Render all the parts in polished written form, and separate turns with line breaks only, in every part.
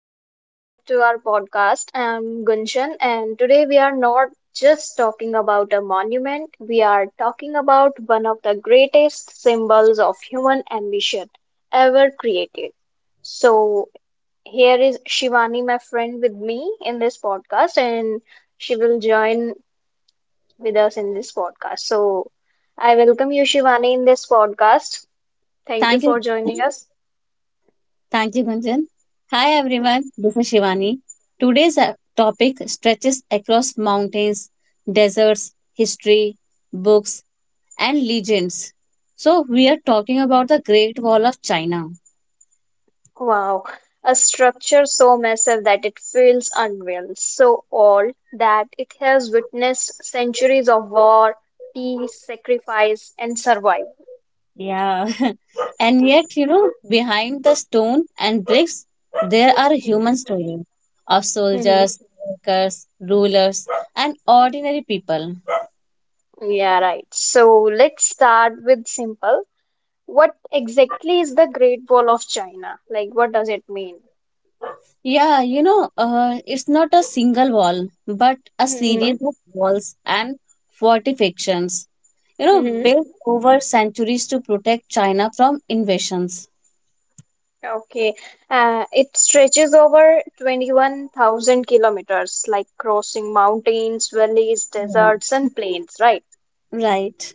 and welcome back to our podcast. I'm Gunshan, and today we are not just talking about a monument, we are talking about one of the greatest symbols of human ambition ever created. So, here is Shivani, my friend, with me in this podcast, and she will join with us in this podcast. So, I welcome you, Shivani, in this podcast. Thank you
Thank you.
for joining
Gunjan.
us.
Thank you, Gunjan. Hi, everyone. This is Shivani. Today's topic stretches across mountains, deserts, history, books, and legends. So, we are talking about the Great Wall of China.
Wow, a structure so massive that it feels unreal, so old that it has witnessed centuries of war, peace, sacrifice, and survival.
Yeah. And yet, you know, behind the stone and bricks, there are human
Mhm,
stories of
mhm.
soldiers, workers, rulers, and ordinary people.
Yeah, right. So let's start with simple. What exactly is the Great Wall of China? Like, what does it mean?
Yeah, you know, it's not a single wall, but a
Hmm.
series of walls and fortifications, you know,
Hmm.
built over centuries to protect China from invasions.
Okay. It stretches over 21,000 kilometers, like crossing mountains, valleys,
Yeah.
deserts, and plains, right?
Right.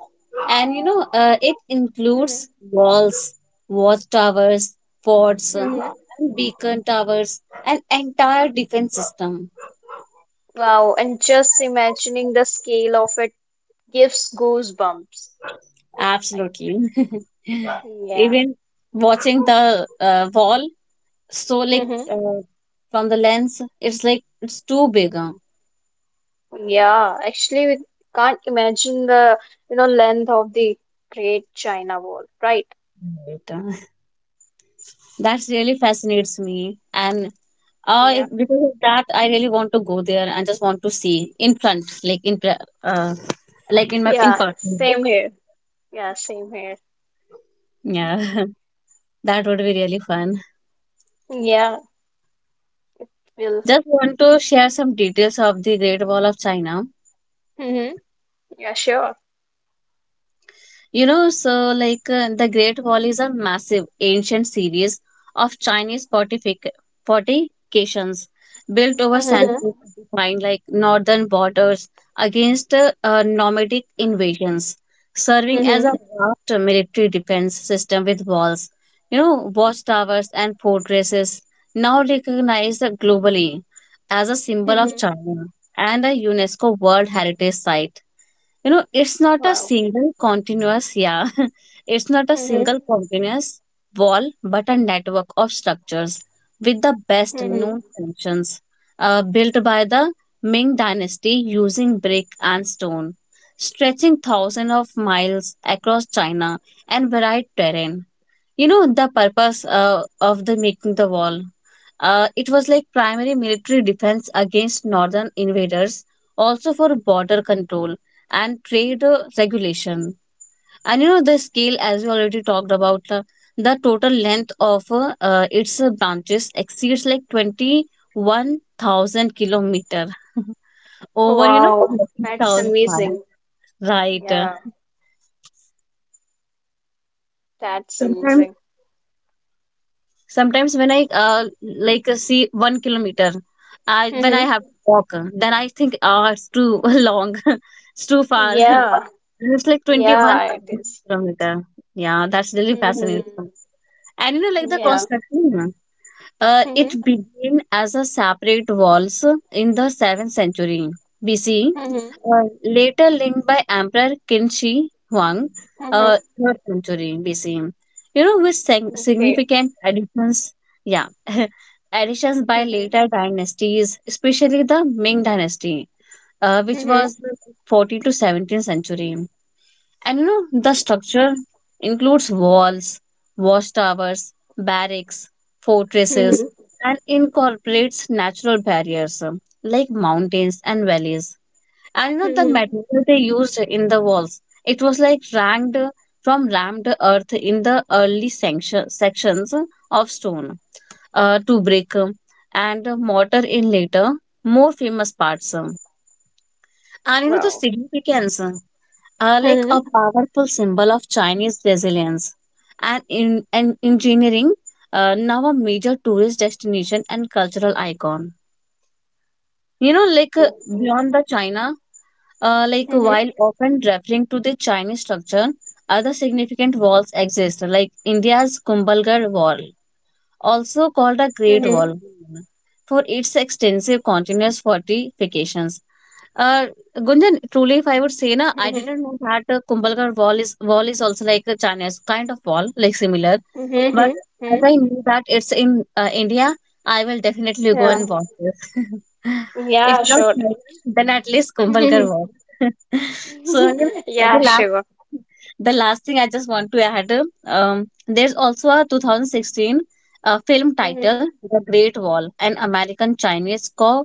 And you know, it includes walls, watchtowers, forts,
Hmm.
and beacon towers, an entire defense system.
Wow, and just imagining the scale of it gives goosebumps. Like,
Absolutely.
yeah.
Even watching the wall, so like
Hmm.
uh, from the lens it's like it's too big,
Yeah, actually, we can't imagine the length of the Great China Wall, right?
right? That really fascinates me and
Yeah.
because of that I really want to go there and just want to see in front, like in like in my, in
Yeah,
person.
same here. Yeah, same here.
Yeah. That would be really fun.
Yeah, will.
Just want to share some details of the Great Wall of China.
Hmm. Yeah, sure.
You know, so like the Great Wall is a massive ancient series of Chinese fortifications built over
Hmm.
centuries to define like northern borders against nomadic invasions, serving as a
Hmm.
vast military defense system with walls, you know, watchtowers and fortresses, now recognized globally as a symbol
Hmm.
of China and a UNESCO World Heritage Site. You know, it's not a
Wow.
single continuous yeah it's not a single
Hmm.
continuous wall, but a network of structures with the best
Hmm.
known functions, built by the Ming dynasty using brick and stone, stretching thousands of miles across China and varied terrain. You know, the purpose of the making the wall, it was like primary military defense against northern invaders, also for border control and trade regulation. And you know, the scale, as we already talked about, the total length of its branches exceeds like 21,000 kilometer. Over, you know,
Wow, that's
30,000 miles,
amazing.
right.
Yeah, that's
Sometimes,
amazing.
sometimes when I see 1 kilometer, I when I
Hmm.
have to walk, then I think, ah, it's too long, it's too far.
Yeah,
And it's like 21
yeah, it is.
kilometer. Yeah, that's really
Mm-hmm.
fascinating. And you know, like the
Yeah.
construction.
Mm-hmm.
It began as a separate waltz in the 7th century B.C.,
Mm-hmm.
later linked by Emperor Qin Shi Huang,
Mm-hmm.
3rd century B.C. You know, with
Okay.
significant additions, yeah, additions by
Mm-hmm.
later dynasties, especially the Ming dynasty, which was
Mm-hmm.
14th to 17th century. And you know, the structure includes walls, watchtowers, barracks, fortresses,
Mm-hmm.
and incorporates natural barriers, like mountains and valleys. And you know, the
Mm-hmm.
material they used in the walls, it was like ranked from rammed earth in the early sections, of stone, to brick, and mortar in later, more famous parts. And you know, the
Wow.
significance are like
Mm-hmm.
a powerful symbol of Chinese resilience and in and engineering, now a major tourist destination and cultural icon. You know, like
Okay.
beyond the China, like
Mm-hmm.
while often referring to the Chinese structure, other significant walls exist, like India's Kumbhalgarh Wall, also called a Great
Mm-hmm.
Wall for its extensive continuous fortifications. Uh, Gunjan, truly, if I would say, na, I didn't
Mm-hmm.
know that Kumbhalgarh wall is also like a China's kind of wall, like similar.
Mm-hmm.
But as I knew that it's in India, I will definitely go
Yeah.
and watch this. If
Yeah,
not
sure.
China, then at least Kumbhalgarh wall. So you know, the
Yeah,
last
sure.
the last thing I just want to add, there's also a 2016 a film title
Hmm.
The Great Wall, an American Chinese co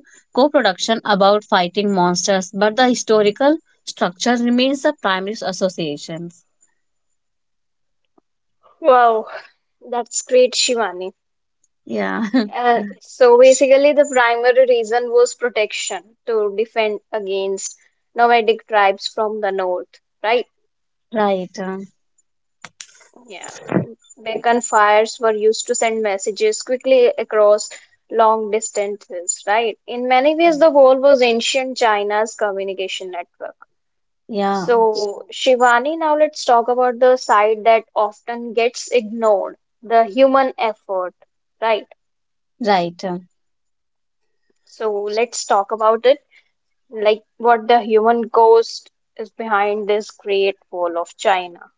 production about fighting monsters, but the historical structure remains the primary associations.
Wow. That's great, Shivani.
Yeah,
So basically, the primary reason was protection to defend against nomadic tribes from the north, right?
right.
Yeah. Beacon fires were used to send messages quickly across long distances, right? In many ways, the wall was ancient China's communication network.
Yeah,
So, Shivani, now let's talk about the side that often gets ignored, the human effort, right?
right. um,
So, let's talk about it. Like what the human ghost is behind this Great Wall of China.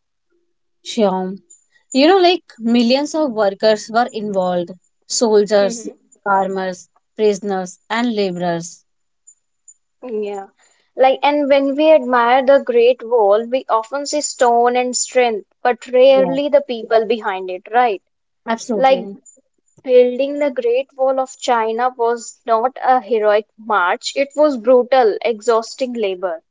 Sure. You know, like millions of workers were involved:
Mm-hmm.
soldiers, farmers, prisoners, and laborers.
Yeah. Like, and when we admire the Great Wall, we often see stone and strength, but
Yeah,
rarely the people behind it, right? Like,
absolutely.
building the Great Wall of China was not a heroic march, it was brutal, exhausting labor.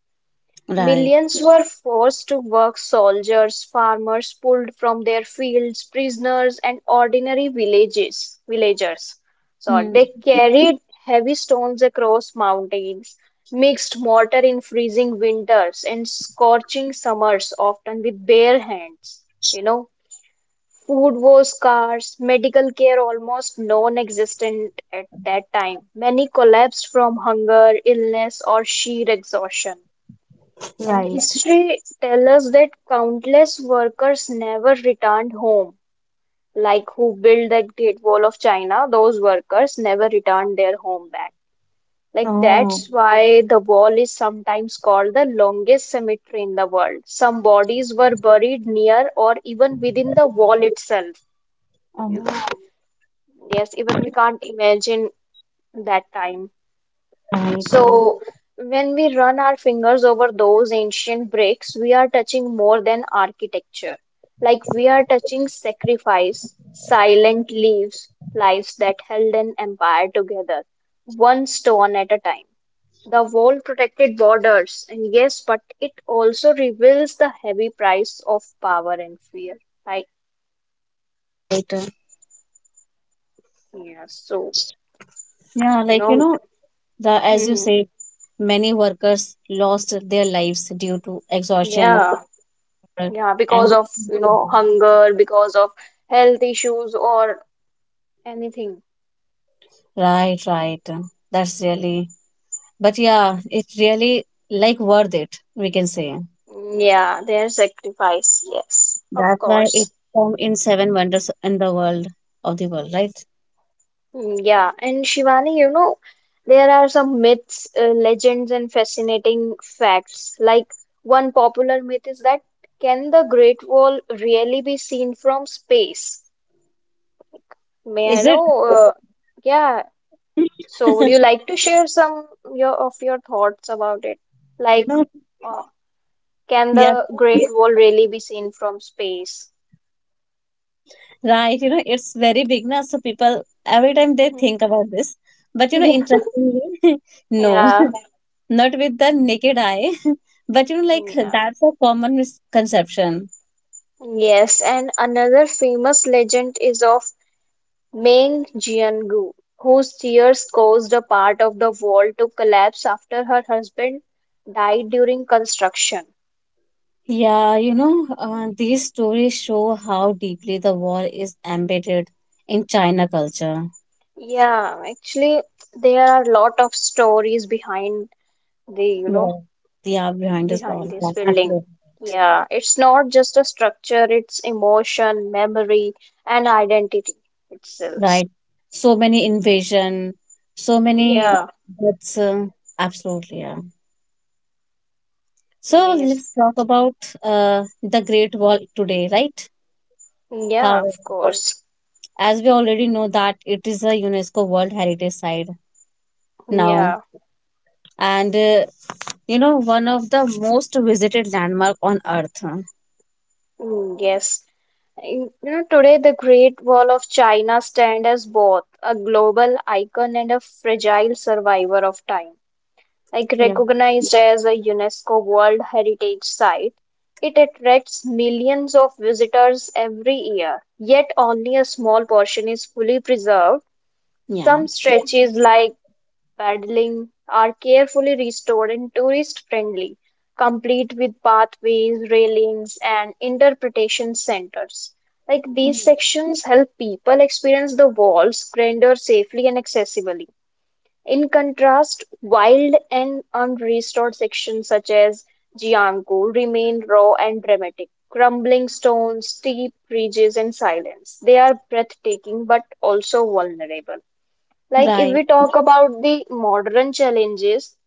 Right.
Millions were forced to work soldiers, farmers pulled from their fields, prisoners, and ordinary villagers. So
Hmm.
they carried heavy stones across mountains, mixed mortar in freezing winters and scorching summers, often with bare hands. You know, Food was scarce, medical care almost non-existent at that time. Many collapsed from hunger, illness, or sheer exhaustion. And
Right.
history tells us that countless workers never returned home. Like who built that Great Wall of China, those workers never returned their home back. Like
Oh,
that's why the wall is sometimes called the longest cemetery in the world. Some bodies were buried near or even within the wall itself. You-
oh.
Yes, even we can't imagine that time.
right. uh,
So when we run our fingers over those ancient bricks, we are touching more than architecture. Like we are touching sacrifice, silent leaves, lives that held an empire together, one stone at a time. The wall protected borders, and yes, but it also reveals the heavy price of power and fear. Like,
Right.
yeah, so,
Yeah,
you
like you
know,
know, the as you say, many workers lost their lives due to exhaustion
yeah.
uh,
Yeah,
and
because of hunger, because of health issues or anything.
Right, right. That's really, but yeah, it really like worth it, we can say.
Yeah, their sacrifice. Yes, of
That's why it
course.
come in seven wonders in the world of the world, right?
Mm, yeah, and Shivani, there are some myths, legends, and fascinating facts. Like one popular myth is that can the Great Wall really be seen from space? May I
Is it?
know? Yeah. So, would you like to share some your of your thoughts about it?
You
Like,
know,
uh, can
yeah,
the Great, yeah, wall really be seen from space?
right. You know, it's very big now, so people every time they think about this. But you know,
Yeah.
interestingly, no.
Yeah,
Not with the naked eye, but you know, like
yeah.
that's a common misconception.
Yes, and another famous legend is of Meng Jiangu, whose tears caused a part of the wall to collapse after her husband died during construction.
Yeah, you know, these stories show how deeply the wall is embedded in China culture.
Yeah, actually, there are a lot of stories behind the, you know,
Wow. Yeah, behind this
behind
wall, yeah,
this building.
absolutely.
Yeah, it's not just a structure, it's emotion, memory, and identity itself.
Right, so many invasion, so many
Yeah,
deaths, absolutely, yeah. So let's
yes.
talk about the Great Wall today, right?
Yeah,
How,
of course.
as we already know that it is a UNESCO World Heritage Site now,
Yeah,
and you know, one of the most visited landmark on earth.
mm, yes. Today the Great Wall of China stands as both a global icon and a fragile survivor of time. Like,
Yeah.
recognized as a UNESCO World Heritage Site. It attracts millions of visitors every year, yet only a small portion is fully preserved.
Yeah,
Some stretches like paddling are carefully restored and tourist friendly, complete with pathways, railings, and interpretation centers. Like these sections help people experience the wall's grandeur safely and accessibly. In contrast, wild and unrestored sections such as Giancco remain raw and dramatic: crumbling stones, steep ridges, and silence. They are breathtaking but also vulnerable. Like if
right.
we talk about the modern challenges,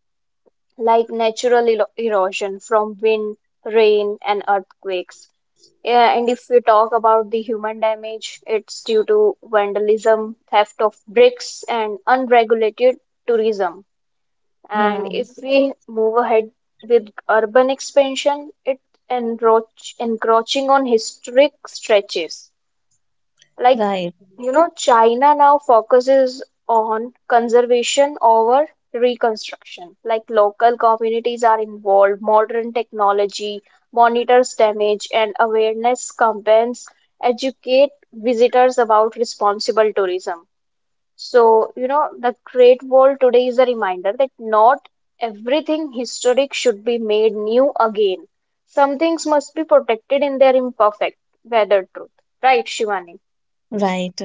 like natural erosion from wind, rain, and earthquakes. Yeah, and if we talk about the human damage, it's due to vandalism, theft of bricks, and unregulated tourism. And
Yeah,
if we move ahead with urban expansion, it encroaching on historic stretches. Like,
right,
China now focuses on conservation over reconstruction. Like, local communities are involved, modern technology monitors damage, and awareness campaigns educate visitors about responsible tourism. So, the Great Wall today is a reminder that not everything historic should be made new again. Some things must be protected in their imperfect weathered truth. Right, Shivani?
right.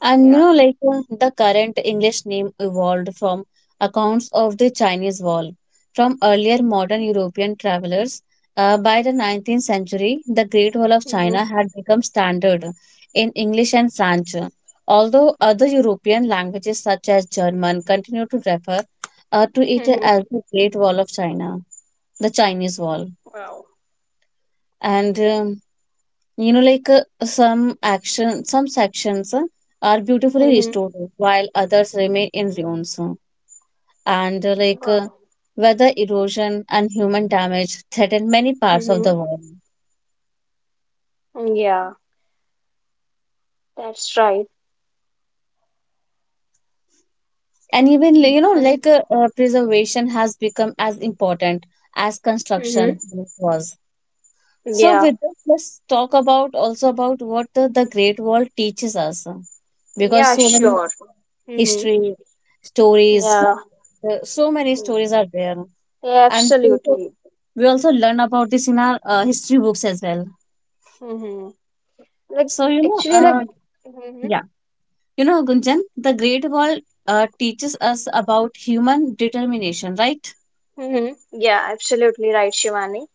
And you
Yeah.
know, like the current English name evolved from accounts of the Chinese wall. From earlier modern European travelers, by the 19th century, the Great Wall of
Mm-hmm.
China had become standard in English and French. Although other European languages such as German continue to refer to it
Mm-hmm.
as the Great Wall of China, the Chinese Wall.
Wow.
And you know, like some sections are beautifully
Mm-hmm.
restored, while others remain in ruins. And
Wow.
weather erosion and human damage threaten many parts
Mm-hmm.
of the world.
Yeah, that's right.
And even you know,
Mm-hmm.
preservation has become as important as construction was. So,
Yeah.
with this, let's talk about also about what the Great Wall teaches us, because
Yeah,
so many
sure. Mm-hmm.
history stories,
Yeah.
so many stories are there,
Yeah,
and
absolutely.
we also learn about this in our history books as well.
Mm-hmm. Like
So, you know,
actually the. Mhm.
yeah, you know, Gunjan, the Great Wall teaches us about human determination, right?
Hmm. Yeah, absolutely right, Shivani.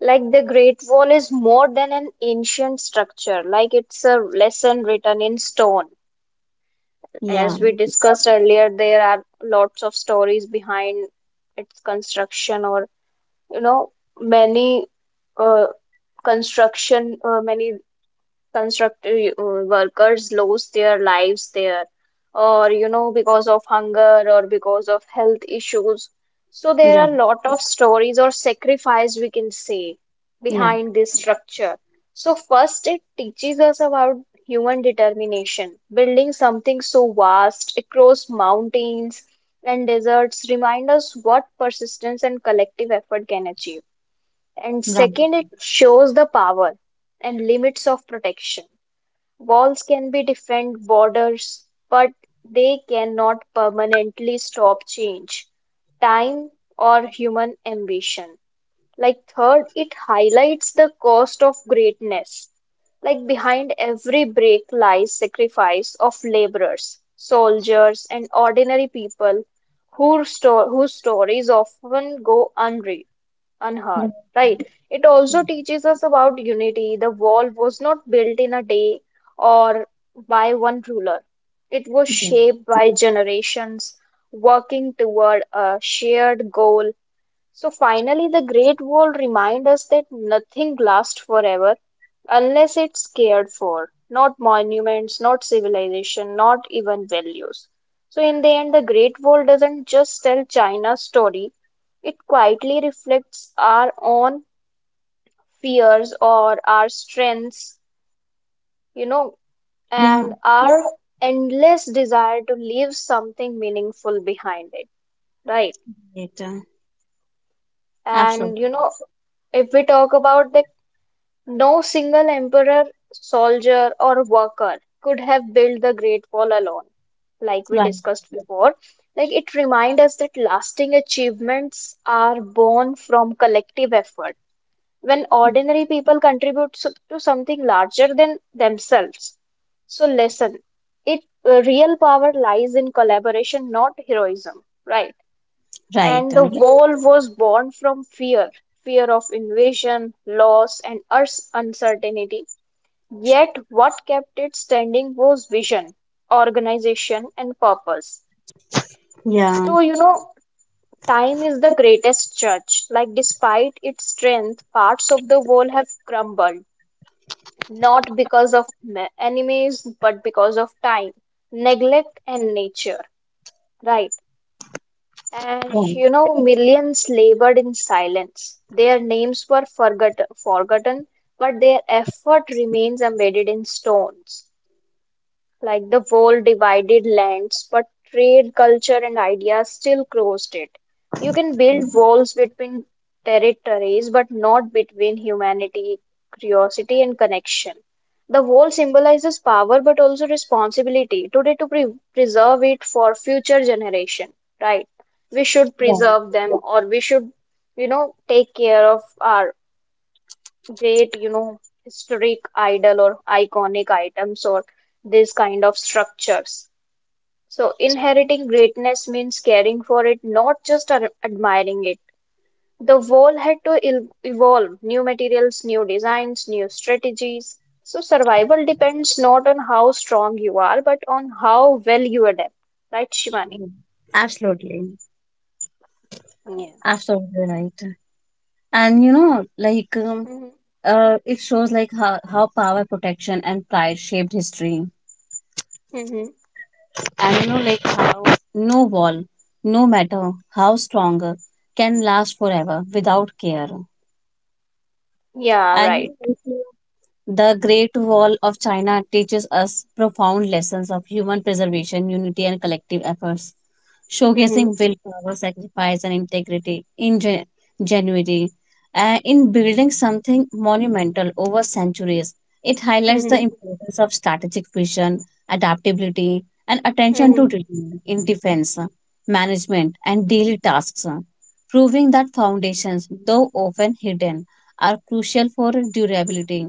Like the Great Wall is more than an ancient structure, like it's a lesson written in stone.
Yeah,
As we discussed earlier, there are lots of stories behind its construction, or you know, many uh, many constructive workers lose their lives there, or because of hunger or because of health issues. So there
yeah,
are a lot of stories or sacrifice, we can say,
yeah,
behind this structure. So first, it teaches us about human determination. Building something so vast across mountains and deserts remind us what persistence and collective effort can achieve. And second,
right.
it shows the power and limits of protection. Walls can be different borders, but they cannot permanently stop change, time, or human ambition. Like, third, it highlights the cost of greatness. Like, behind every break lies sacrifice of laborers, soldiers, and ordinary people whose stories often go unread. On
Right.
her right? It also teaches us about unity. The wall was not built in a day or by one ruler. It was
Yeah,
shaped by generations working toward a shared goal. So finally, the Great Wall reminds us that nothing lasts forever unless it's cared for. Not monuments, not civilization, not even values. So in the end, the Great Wall doesn't just tell China's story, it quietly reflects our own fears or our strengths, you know, and
yeah,
our endless desire to leave something meaningful behind it, right?
right.
And you
Absolutely.
know, if we talk about the no single emperor, soldier, or worker could have built the Great Wall alone, like we
Right,
discussed before. Like it reminds us that lasting achievements are born from collective effort when ordinary people contribute to something larger than themselves. So, listen, it real power lies in collaboration, not heroism, right?
right.
And the
uh,
wall was born from fear of invasion, loss, and us uncertainty. Yet, what kept it standing was vision, organization, and purpose.
Yeah,
So, time is the greatest judge. Like, despite its strength, parts of the wall have crumbled, not because of enemies, but because of time, neglect, and nature. Right. And
right,
millions labored in silence. Their names were forgotten, but their effort remains embedded in stones. Like the world divided lands, but trade, culture, and ideas still crossed it. You can build walls between territories, but not between humanity, curiosity, and connection. The wall symbolizes power, but also responsibility today to preserve it for future generation. Right? We should preserve
right.
them, or we should take care of our great historic idol or iconic items or this kind of structures. So, inheriting greatness means caring for it, not just admiring it. The wall had to evolve new materials, new designs, new strategies. So, survival depends not on how strong you are, but on how well you adapt. Right, Shivani?
Absolutely.
Yeah.
Absolutely right. And you know, like,
Hmm.
it shows like how power, protection, and pride shaped history.
Hmm.
And you know, like how no wall, no matter how strong, can last forever without care.
Yeah,
And
right.
you know, the Great Wall of China teaches us profound lessons of human preservation, unity, and collective efforts, showcasing
Hmm.
willpower, sacrifice, and integrity in January. In building something monumental over centuries, it highlights
Hmm.
the importance of strategic vision, adaptability, and attention to
Hmm.
detail in defense, management, and daily tasks, proving that foundations, though often hidden, are crucial for durability,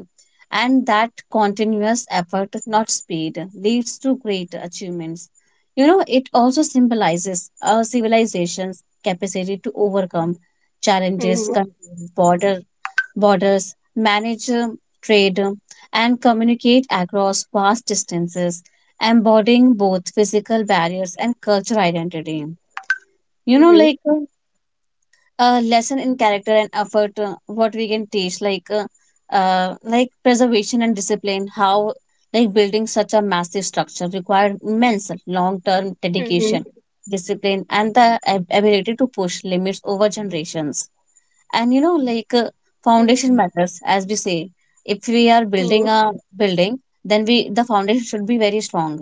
and that continuous effort, not speed, leads to great achievements. You know, it also symbolizes our civilization's capacity to overcome
Hmm.
challenges,
Hmm.
control borders, manage trade, and communicate across vast distances, embodying both physical barriers and cultural identity. You know, a lesson in character and effort, what we can teach like like preservation and discipline, how like building such a massive structure required immense long term dedication,
Hmm.
discipline, and the ability to push limits over generations. And you know,
Hmm.
foundation matters, as we say, if we are
Hmm.
building a building, then we the foundation should be very strong.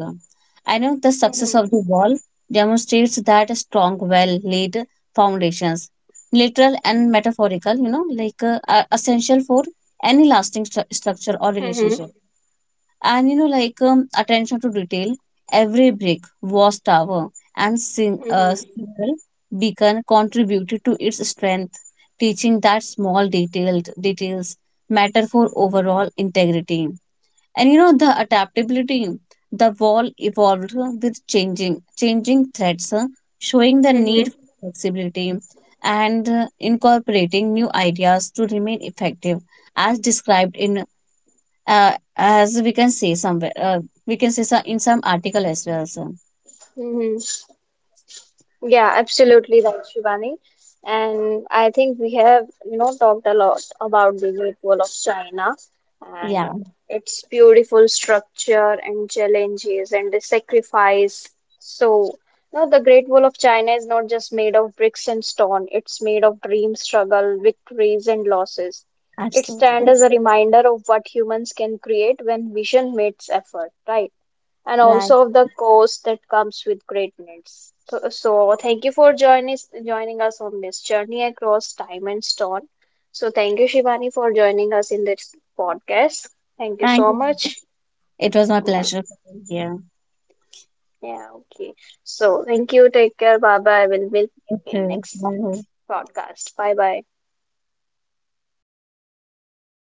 I know the success
Mhm.
of the wall demonstrates that a strong, well laid foundations, literal and metaphorical, you know, are essential for any lasting structure or
Mhm.
relationship. And you know, like attention to detail, every brick was tower and
Mhm.
single beacon contributed to its strength, teaching that small detailed details matter for overall integrity. And you know, the adaptability, the wall evolved with changing threats, showing the
Mhm.
need for flexibility and incorporating new ideas to remain effective, as described in, as we can see somewhere, we can see some, in some article as well. So
Mhm. Yeah, absolutely right, Shivani. And I think we have talked a lot about the Great Wall of China and
yeah,
its beautiful structure and challenges and the sacrifice. So, the Great Wall of China is not just made of bricks and stone, it's made of dream, struggle, victories, and losses. It
absolutely
stands as a reminder of what humans can create when vision meets effort, right? And
right.
also of the cost that comes with greatness. So, thank you for joining us on this journey across time and stone. So, thank you, Shivani, for joining us in this podcast. Thank you
Thank
so
you,
much.
it was my
Yeah,
pleasure to here.
yeah, okay. So, thank you. Take care. Bye bye. We'll meet
You
in
too,
next
bye.
podcast. Bye bye.